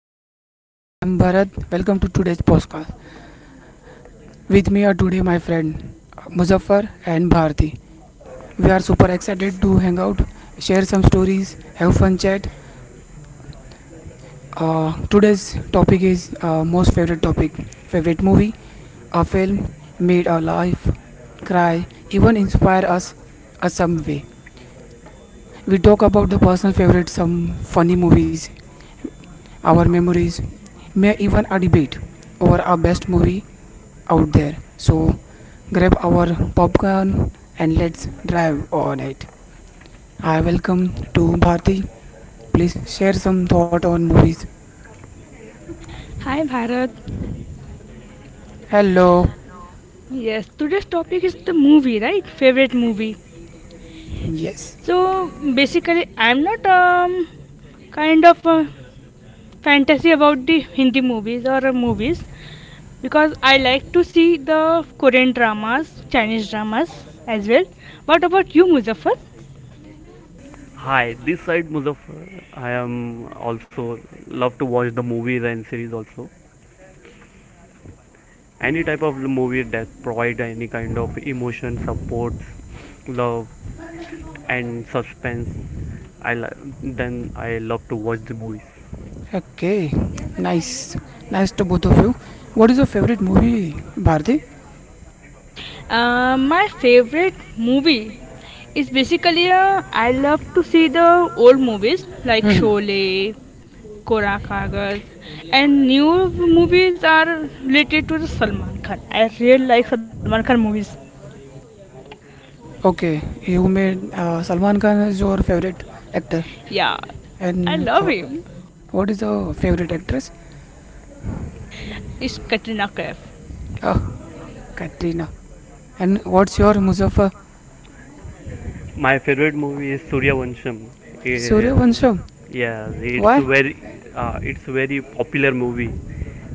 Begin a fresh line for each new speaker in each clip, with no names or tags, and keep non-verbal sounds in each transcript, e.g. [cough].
everyone, I'm Bharat. Welcome to today's podcast. With me are today my friend Muzaffar and Bharti. We are super excited to hang out, share some stories, have fun chat. Today's topic is most favorite topic, favorite movie, a film made our life cry, even inspire us a some way. We talk about the personal favorite, some funny movies, our memories, may even a debate over our best movie out there. So grab our popcorn and let's drive on it. Hi, welcome to Bharti. Please share some thought on movies.
Hi Bharat.
Hello.
Yes, today's topic is the movie, right? Favorite movie.
Yes.
So basically, I'm not kind of a fantasy about the Hindi movies or movies because I like to see the Korean dramas, Chinese dramas as well. What about you, Muzaffar?
Hi, this side Muzaffar. I am also love to watch the movies and series also. Any type of movie that provide any kind of emotion, supports, love and suspense. Then I love to watch the movies.
Okay. Nice. Nice to both of you. What is your favorite movie, Bharti?
My favorite movie is basically I love to see the old movies like
Hmm.
Sholay, Kora Kagaz, and new movies are related to the Salman Khan. I really like Salman Khan movies.
Okay. You made Salman Khan is your favorite actor,
Yeah, I
and
love him.
what is your favorite actress?
It's Katrina Kaif.
Oh, Katrina. And what's your Muzaffar
My favorite movie is Suryavansham. Eh,
Suryavansham?
Yes,
Why?
it's very popular movie,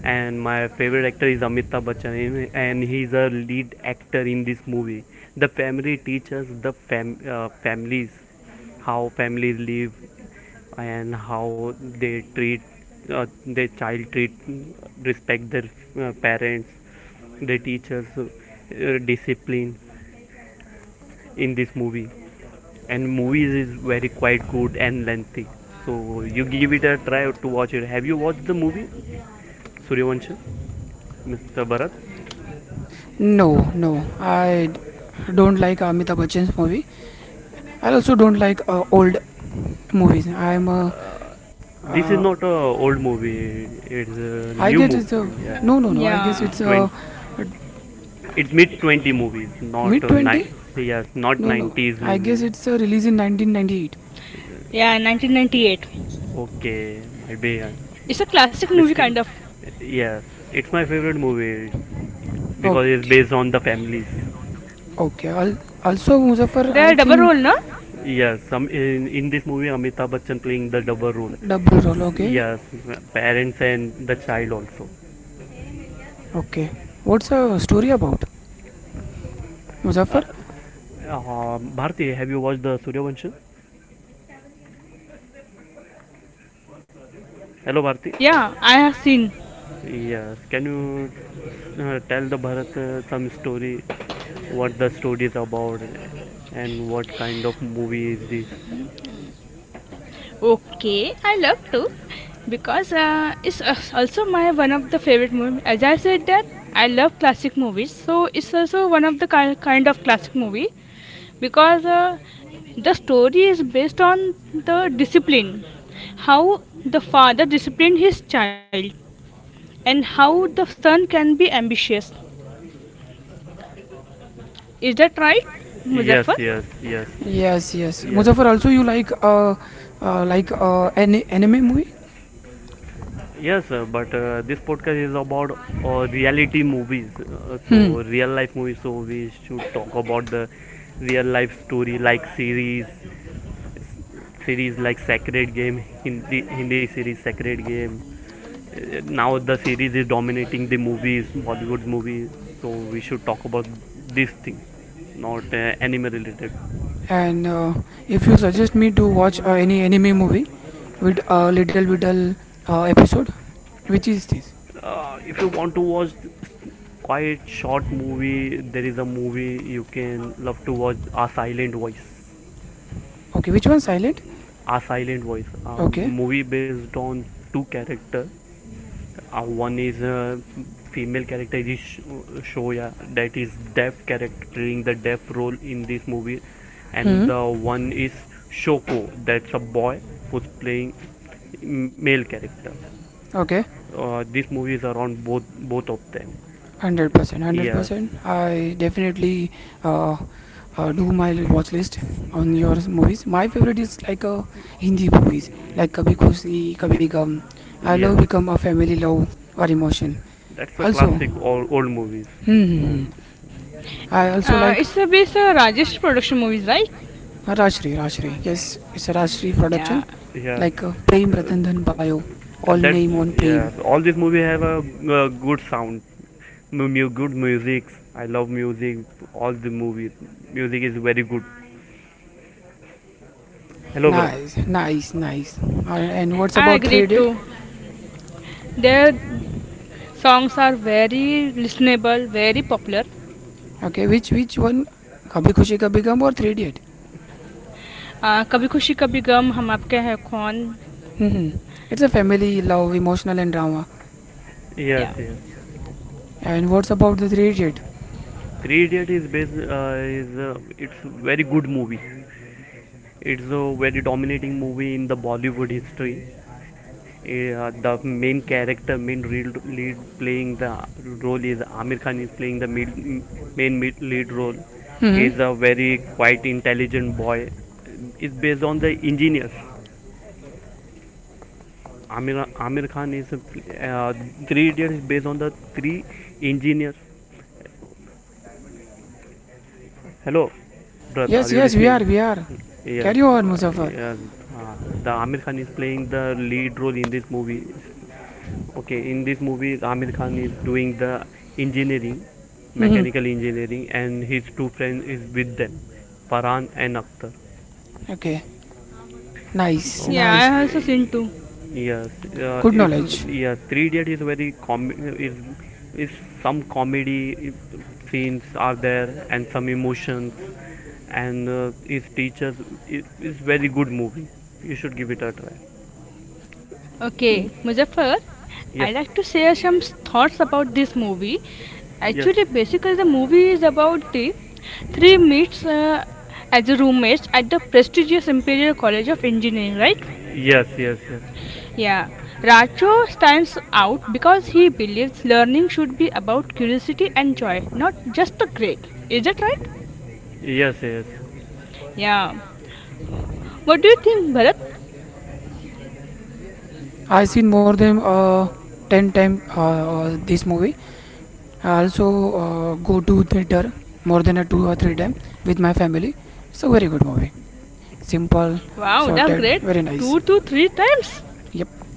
and my favorite actor is Amitabh Bachchan, and he's a lead actor in this movie. The family teaches the families, how families live and how they treat their child treat respect their parents, their teachers, discipline in this movie, and movies is very quite good and lengthy, so you give it a try to watch it. Have you watched the movie Suryavanshi, Mr. Bharat?
No, no, I don't like Amitabh Bachchan's movie. I also don't like old movies.
uh, this is
Uh,
not a old movie, it's a
I
new
guess
movie. Yes,
no, no, no. I guess
it's
it's
Yeah,
20
a
it's mid 20 movies, not
mid
a
twenty.
yes, not
No, no.
90s
I guess
movie.
it's a release in 1998.
yeah, 1998.
Okay, might be a
It's a classic movie
mistake.
kind of.
Yes, it's my favorite movie
Oh,
because it's based on the families.
okay. Al- also, Muzaffar,
The
I
double role,
think
no?
Yes, some in this movie Amitabh Bachchan playing the double role.
double role. Okay,
Yes, parents and the child also.
okay. What's the story about,
Uh,
Muzaffar?
Bharti, have you watched the Suryavansha? Hello, Bharti.
Yeah, I have seen.
Yes, can you tell the Bharat some story, what the story is about, and what kind of movie is this?
Okay, I love to because it's also my one of the favorite movie. As I said that I love classic movies, so it's also one of the kind of classic movie because the story is based on the discipline, how the father disciplined his child, and how the son can be ambitious. Is that right,
Yes,
Muzaffar?
yes, yes,
Yes, yes.
yes.
Muzaffar, also you like any anime movie?
Yes, but this podcast is about reality movies. So
Hmm.
real life movies. So we should talk about the real life story, like series, s- series like Sacred Game, Hindi series Sacred Game. Now the series is dominating the movies, Bollywood movies. So we should talk about this thing, not anime related.
And if you suggest me to watch any anime movie with a little episode, which is this?
If you want to watch quite short movie, there is a movie you can love to watch: A Silent Voice.
Okay, which one? Silent.
A Silent Voice, a
Okay.
movie based on two character. One is a female character, is Shoya, that is deaf character playing the deaf role in this movie, and
Hmm.
the one is Shoko, that's a boy who's playing male character.
Okay.
This movie is around both of them.
100%, one hundred
Yes
percent. I definitely uh, do my watch list on your movies. My favorite is like Hindi movies, like Kabhi Khushi, Kabhi Gum. I love
Yes,
become a family love or emotion.
that's a
Also,
classic old movies.
hmm, I also like
It's a based on Rajesh production movies, right?
Rashri, Rashri. Yes, it's a Rashri
Yeah,
production,
Yes,
like Prem
uh,
Ratan Dhan Payo. All
that's
name on Prem.
yes, all these movies have a, uh, good sound, good music. I love music. All the movies, music is very good. Hello, brother.
Nice, nice, nice. And what's
I
about Three
agree
Idiot?
too. There songs are very listenable, very popular.
Okay, which one? Kabhi Khushi Kabhi Gum or Three Idiot?
Kabhi Khushi Kabhi Gum, Hum Aapke Hai Kaun.
Hmm. It's a family, love, emotional, and drama.
Yes,
Yeah,
yes.
And what's about the three idiot?
Three Idiot is based is it's very good movie. It's a very dominating movie in the Bollywood history. The main character, main real lead playing the role is Amir Khan, is playing the main mid lead role. He is
Hmm.
a very quite intelligent boy. It's based on the engineers. Amir Khan is, uh, three idiots is based on the three engineers. Hello, brother, are
Yes,
you
yes, we
listening?
are, we are.
Yes.
Carry on,
uh,
Muzaffar.
yeah, uh, the Amir Khan is playing the lead role in this movie. Okay, in this movie, Amir Khan is doing the engineering,
Hmm.
mechanical engineering, and his two friends is with them, Farhan and Akhtar.
Okay. Nice,
yeah,
Okay,
nice.
I also seen too.
yes, uh,
Good
it's
knowledge.
yes. Three Idiot is very com is some comedy scenes are there and some emotions, and is teachers it, is very good movie. You should give it a try.
Okay, Muzaffar,
Yes,
I like to share some thoughts about this movie.
yes,
Actually, basically, the movie is about the three meets as a roommates at the prestigious Imperial College of Engineering, right?
yes, yes, yes,
Yeah. Racho stands out because he believes learning should be about curiosity and joy, not just a grade. Is that right?
yes.
Yeah. What do you think, Bharat?
I've seen more than 10 times this movie. I also go to theater more than a two or three times with my family. It's a very good movie. Simple,
Wow, that's
sorted,
great.
very nice.
Two to three times.
Yep.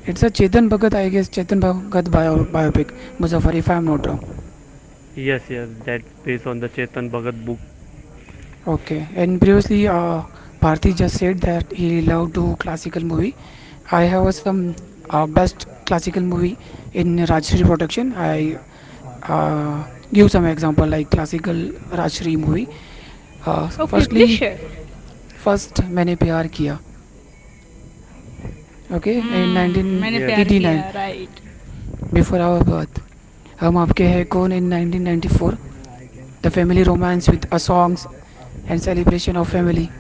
It's a Chetan Bhagat, I guess, Chetan Bhagat biopic, Muzaffar, if I'm not wrong.
Yes, yes, that's based on the Chetan Bhagat book.
Okay, and previously, Bharti just said that he loved to classical movie. I have some best classical movie in Rajshri production. I uh, give some example like classical Rajshri movie. Uh,
Okay,
firstly,
please share.
first मैंने प्यार किया. Okay, in
Hmm, मैंने
Yes.
प्यार
1989,
किया, right?
before our birth. हम आपके हैं कौन in 1994. The family romance with a songs and celebration of family.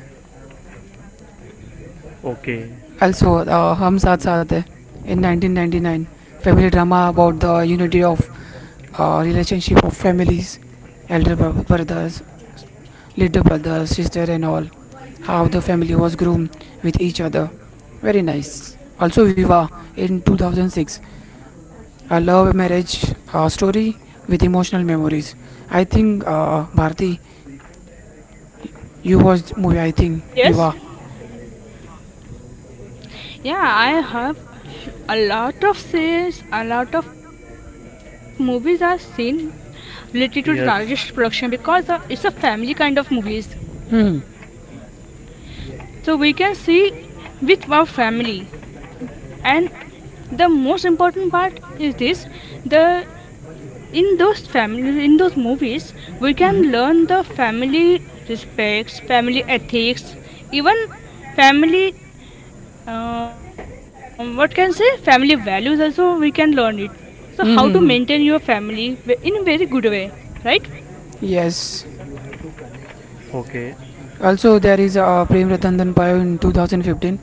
Okay.
Also, Hum Saath Saath Hai in 1999, family drama about the unity of relationship of families, elder brothers, little brother, sister, and all. How the family was groomed with each other. Very nice. Also, Viva in 2006, a love marriage story with emotional memories. I think Bharti, you watched movie. I think
Yes.
Viva.
Yeah, I have a lot of sales, a lot of movies I've seen related to Rajesh production
Yes.
because it's a family kind of movies.
Hmm.
So we can see with our family and the most important part is this the in those family in those movies
Hmm.
we can learn the family respects, family ethics, even family, what can say, family values also we can learn it. So how to
Hmm.
maintain your family in a very good way, right?
Yes.
Okay.
Also, there is Prem Ratan Dhanpayo in 2015.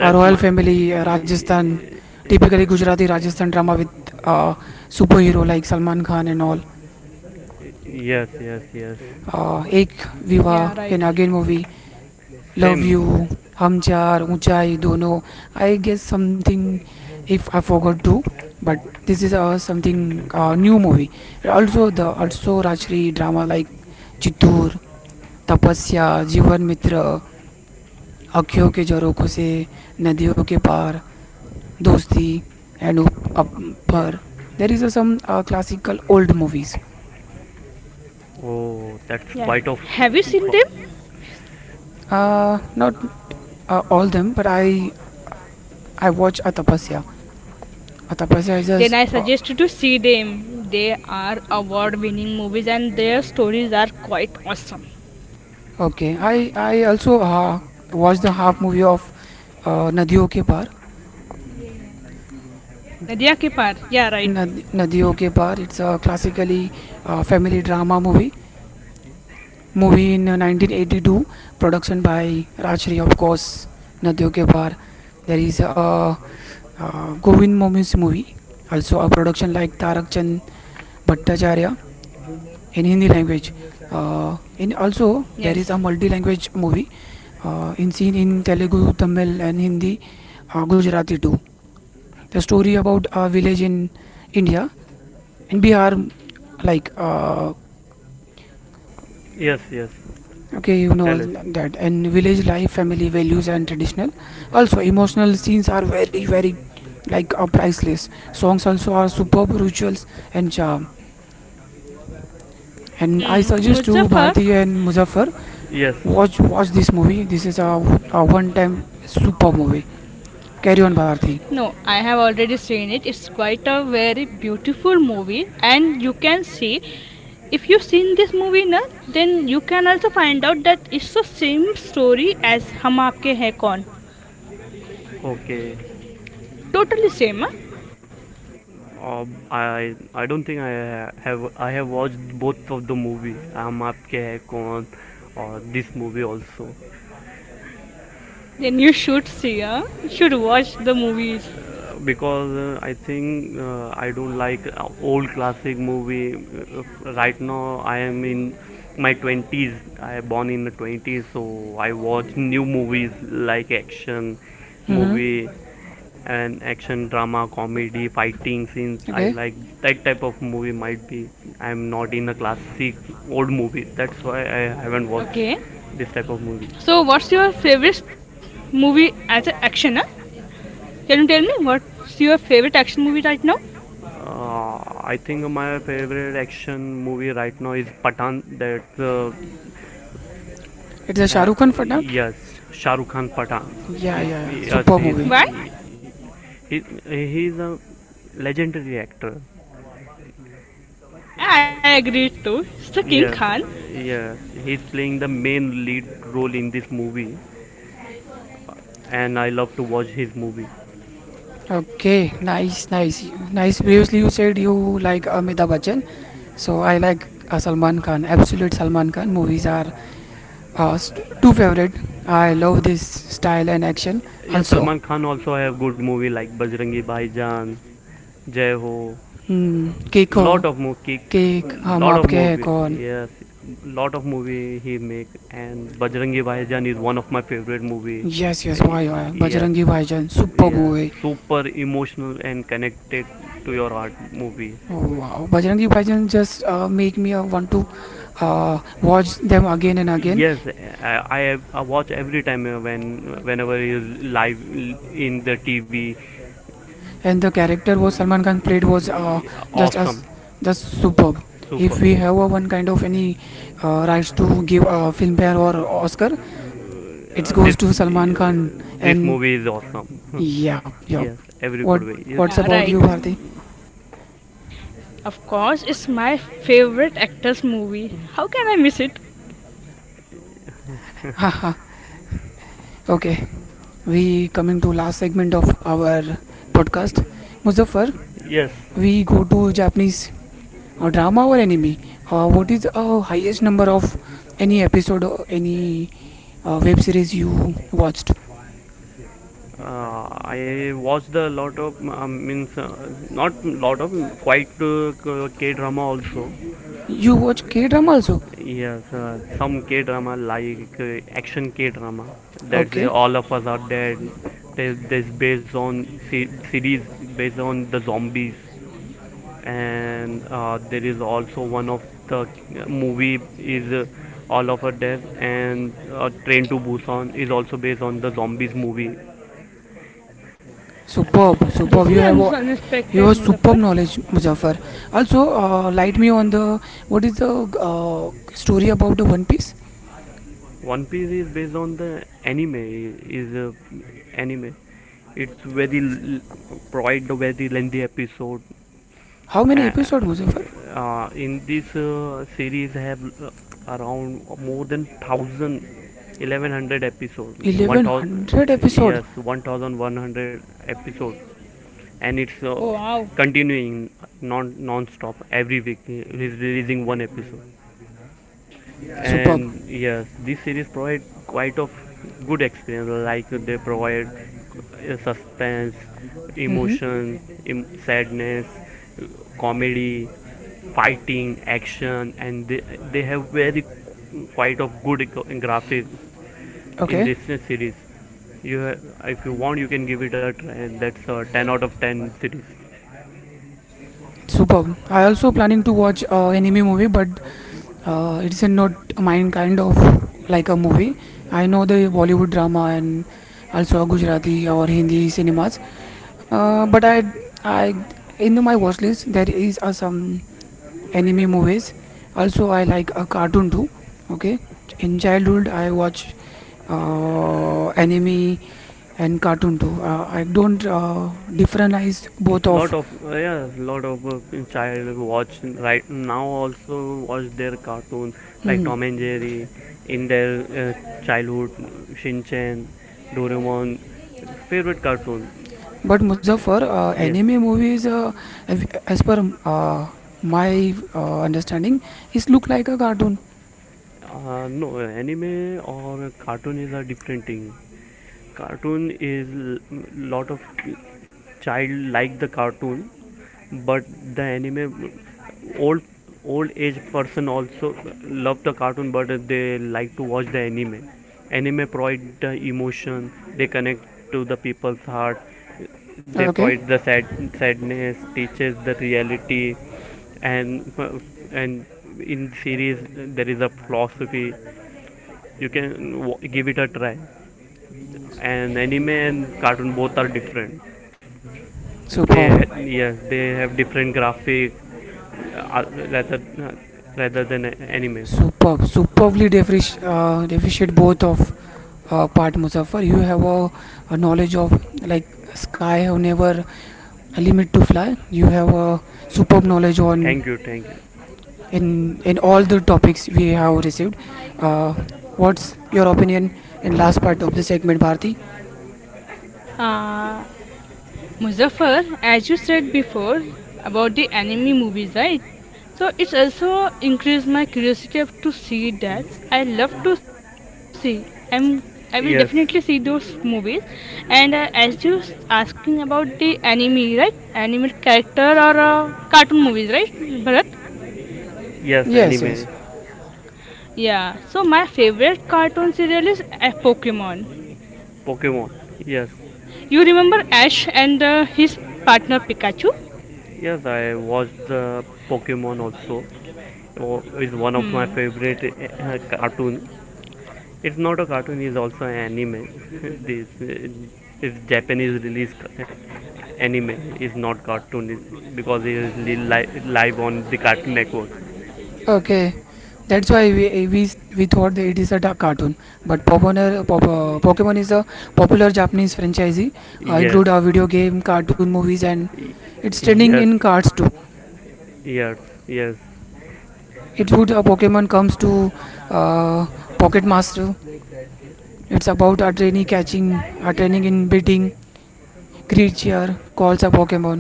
A royal
my.
family, Rajasthan, typically Gujarati Rajasthan drama with uh, superhero like Salman Khan and all.
Yes, yes, yes.
Ek Viva
Yeah,
and
right.
again movie,
Same.
Love You, Hum Char, Unchai, Dono. I guess something if I forgot to, but this is something new movie. Also the also Rajshri drama like Chittur, Tapasya, Jivan Mitra, अखियों के झरोखों से नदियों के पार दोस्ती and up, up par. There is some classical old movies.
Oh, that's
Yeah,
quite of.
have you seen them?
Not all them, but I watch Atapasya. Atapasya is just
Then I suggest you to see them. They are award winning movies and their stories are quite awesome.
okay. I also watched the half movie of Nadiyo Ke Paar.
Nadia ke paar, yeah, right.
Nadiyo Ke Paar. It's a classically family drama movie. Movie in 1982 production by Rajshri of course Nadiyo Ke Baar. There is a, Govind Momi's movie, also a production like Tarak Chand Bhattacharya in Hindi language, in also there is a
Yes.
multi language movie in seen in Telugu Tamil and Hindi, Gujarati too. The story about a village in India in Bihar like
Yes, yes.
okay. You know
Tell us.
that, and village life, family values, and traditional. Also, emotional scenes are very, very like priceless. Songs also are superb rituals and charm. And I
Hmm,
suggest to
Muzaffar.
Bharti and Muzaffar
Yes.
watch this movie. This is a one-time super movie. Carry on, Bharti.
No, I have already seen it. It's quite a very beautiful movie, and you can see if you've seen this movie, na, then you can also find out that it's the same story as Hum Aapke Hai Kaun.
Okay.
Totally same. Huh?
Uh, I don't think I have watched both of the movie. Hum Aapke Hai Kaun or this movie also.
Then you should see. Huh? You should watch the movies.
Because I think I don't like old classic movie. Right now, I am in my 20s. I born in the 20s, so I watch new movies like action
Mm-hmm.
movie and action drama, comedy, fighting scenes. I
Okay,
like that type of movie. Might be I'm not in a classic old movie. That's why I haven't watched
Okay.
this type of movie.
So, what's your favorite movie as an action? Huh? Can you tell me what's your favorite action movie right now?
Uh, I think my favorite action movie right now is Patan. That's
it's a
uh,
Shahrukh Khan film.
yes, Shah Rukh Khan Patan.
Yeah,
He's
yeah, yeah.
yes,
Super
he's
movie.
Why?
he, he's a legendary actor.
Yeah, I agree too. It's the King
Yes,
Khan.
yes, he's playing the main lead role in this movie, and I love to watch his movie.
Okay, nice, nice, nice. Previously, you said you like Amitabh Bachchan, so I like Salman Khan. Absolute Salman Khan movies are two favorite. I love this style and action.
Yeah,
Also,
Salman Khan also have good movie like Bajrangi Bhaijaan, Jai Ho.
hmm, Kick ho,
Lot of more kick,
Kick, हम
lot of
आपके हैं
movie.
कौन?
Yes, lot of movie he make, and Bajrangi Bhaijaan is one of my favorite movie.
Yes,
Uh,
yes, why, why?
yes,
Bajrangi Bhaijaan, superb
yes,
movie.
super emotional and connected to your heart movie.
Oh, wow, Bajrangi Bhaijaan just make me want to watch them again and again.
Yes, I watch every time when whenever he is live in the TV.
And the character was Salman Khan played was just as
Awesome.
just superb.
Super.
If we have one kind of any rights to give a filmfare or Oscar, it
Uh,
goes
this
to
uh,
Salman Khan.
this
And
movie is awesome.
yeah,
[laughs]
yeah.
Yes, every
What
good way.
what's
Yeah,
about
right.
you, Bharti?
Of course, it's my favorite actor's movie. How can I miss it?
Haha. [laughs] Okay, we coming to last segment of our podcast. Muzaffar,
Yes,
we go to Japanese drama or anime. What is the highest number of any episode or any web series you watched?
I watched a lot of quite K drama also.
You watch K drama also?
Yes, some K drama like action K drama. That's
Okay,
All of Us Are Dead. This based on series based on the zombies. And there is also one of the movie is, All of Her Death, and Train to Busan is also based on the zombies movie.
superb,
This
superb.
is unexpected,
You have
Muzaffar.
superb knowledge, Muzaffar. Also, light me on the what is the story about the One Piece?
One Piece is based on the anime. Is anime. It's very quite the very lengthy episode.
How many episode, Muzaffar?
In this series have, around more than thousand eleven hundred episode.
Eleven
1000,
hundred episode.
yes, 1100 episode. And it's
Oh, wow.
continuing non-stop. Every week he's releasing one episode.
Superb.
And yes, this series provide quite of good experience. Like they provide suspense,
Mm-hmm.
emotion, sadness, uh, comedy, fighting, action, and they have very quite of good graphic in
Okay,
this series. you ha- if you want, you can give it a try. That's a 10 out of 10 series.
superb. I also planning to watch anime movie, but it's not mine kind of like a movie. I know the Bollywood drama and also Gujarati or Hindi cinemas, but I in my watch list there is some anime movies. Also, I like a cartoon too. Okay, in childhood I watch anime and cartoon too. I don't differentize both of
Lot of child watch right now also watch their cartoon, like
hmm.
Tom and Jerry, in their childhood. Shin Chan, Doraemon favorite cartoon.
But Muzaffar,
Yes,
anime movies, as per uh, my understanding, is look like a cartoon.
no, anime or cartoon is a different thing. Cartoon is, l- lot of child like the cartoon, but the anime, old old age person also love the cartoon, but they like to watch the anime. Anime provide the emotion, they connect to the people's heart. They
Okay,
provide the sadness, teaches the reality. and and in series, there is a philosophy. You can give it a try. And anime and cartoon both are different, and
superb,
yes, they have different graphic, uh, rather uh, rather than anime.
superb, deficient both of part Muzaffar. You have a knowledge of like sky have never a limit to fly. You have a superb knowledge on
Thank you, thank you.
in all the topics we have received uh, what's your opinion in last part of the segment Bharti.
Uh, Muzaffar, as you said before about the anime movies, right? So it's also increased my curiosity to see that. I love to see. I'm I will definitely see
Yes,
those movies. And as you asking about the anime, right? Anime character or cartoon movies, right, Bharat?
yes,
Yes, yes.
anime,
Yeah, so my favorite cartoon serial is Pokemon.
Pokemon. Yes,
You remember Ash and his partner Pikachu?
yes, I watched the Pokemon also. Oh, is one of my
Hmm,
favorite cartoon. It's not a cartoon; it's also an anime. [laughs] this Is Japanese release anime, is not cartoon, because it is live on the Cartoon Network.
Okay, that's why we thought that it is a cartoon, but Pokemon is a popular Japanese franchise,
Yes,
include a video game cartoon movies, and
Y-
it's trending
yes.
in cards too.
Yes, yes,
It would a Pokemon comes to uh, pocket master. It's about a trainee catching a training in beating creature calls a Pokemon.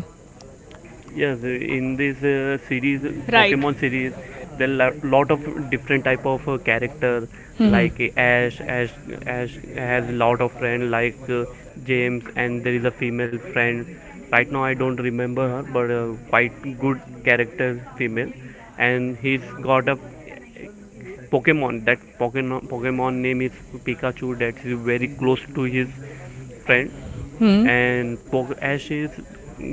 yes. In this series,
right.
Pokemon series, there are lot of different type of character.
Hmm.
Like Ash has lot of friend like James, and there is a female friend. Right now, I don't remember her, but quite good character female, and he's got a Pokemon. That Pokemon name is Pikachu, that's very close to his friend.
Hmm.
And Ash is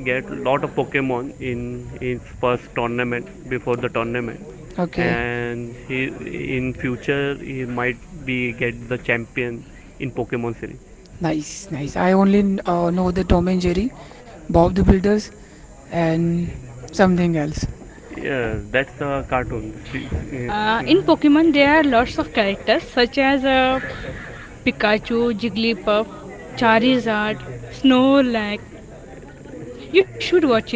get lot of Pokemon in his first tournament, before the tournament,
Okay.
and he in future he might be get the champion in Pokemon series.
Nice, nice. I only know the Tom and Jerry, Bob the Builders, and something else.
Yeah, that's the cartoon.
In Pokemon, there are lots of characters such as Pikachu, Jigglypuff, Charizard, Snorlax. You should watch it.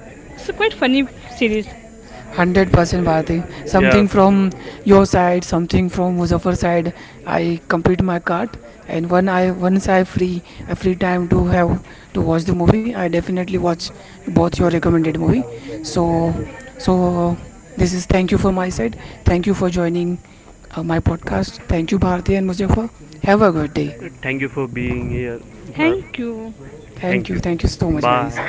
It's a quite funny series.
100% Bharati.
Yes,
Something from your side, something from Muzaffar side. I complete my cart, and when I once I free a free time to have to watch the movie, I definitely watch both your recommended movie. So, so this is thank you for my side. Thank you for joining my podcast. Thank you Bharati and Muzaffar. Have a good day.
thank you for being here, but
Thank you.
Thank
thank
you.
you.
Thank you so much, guys.
Bye.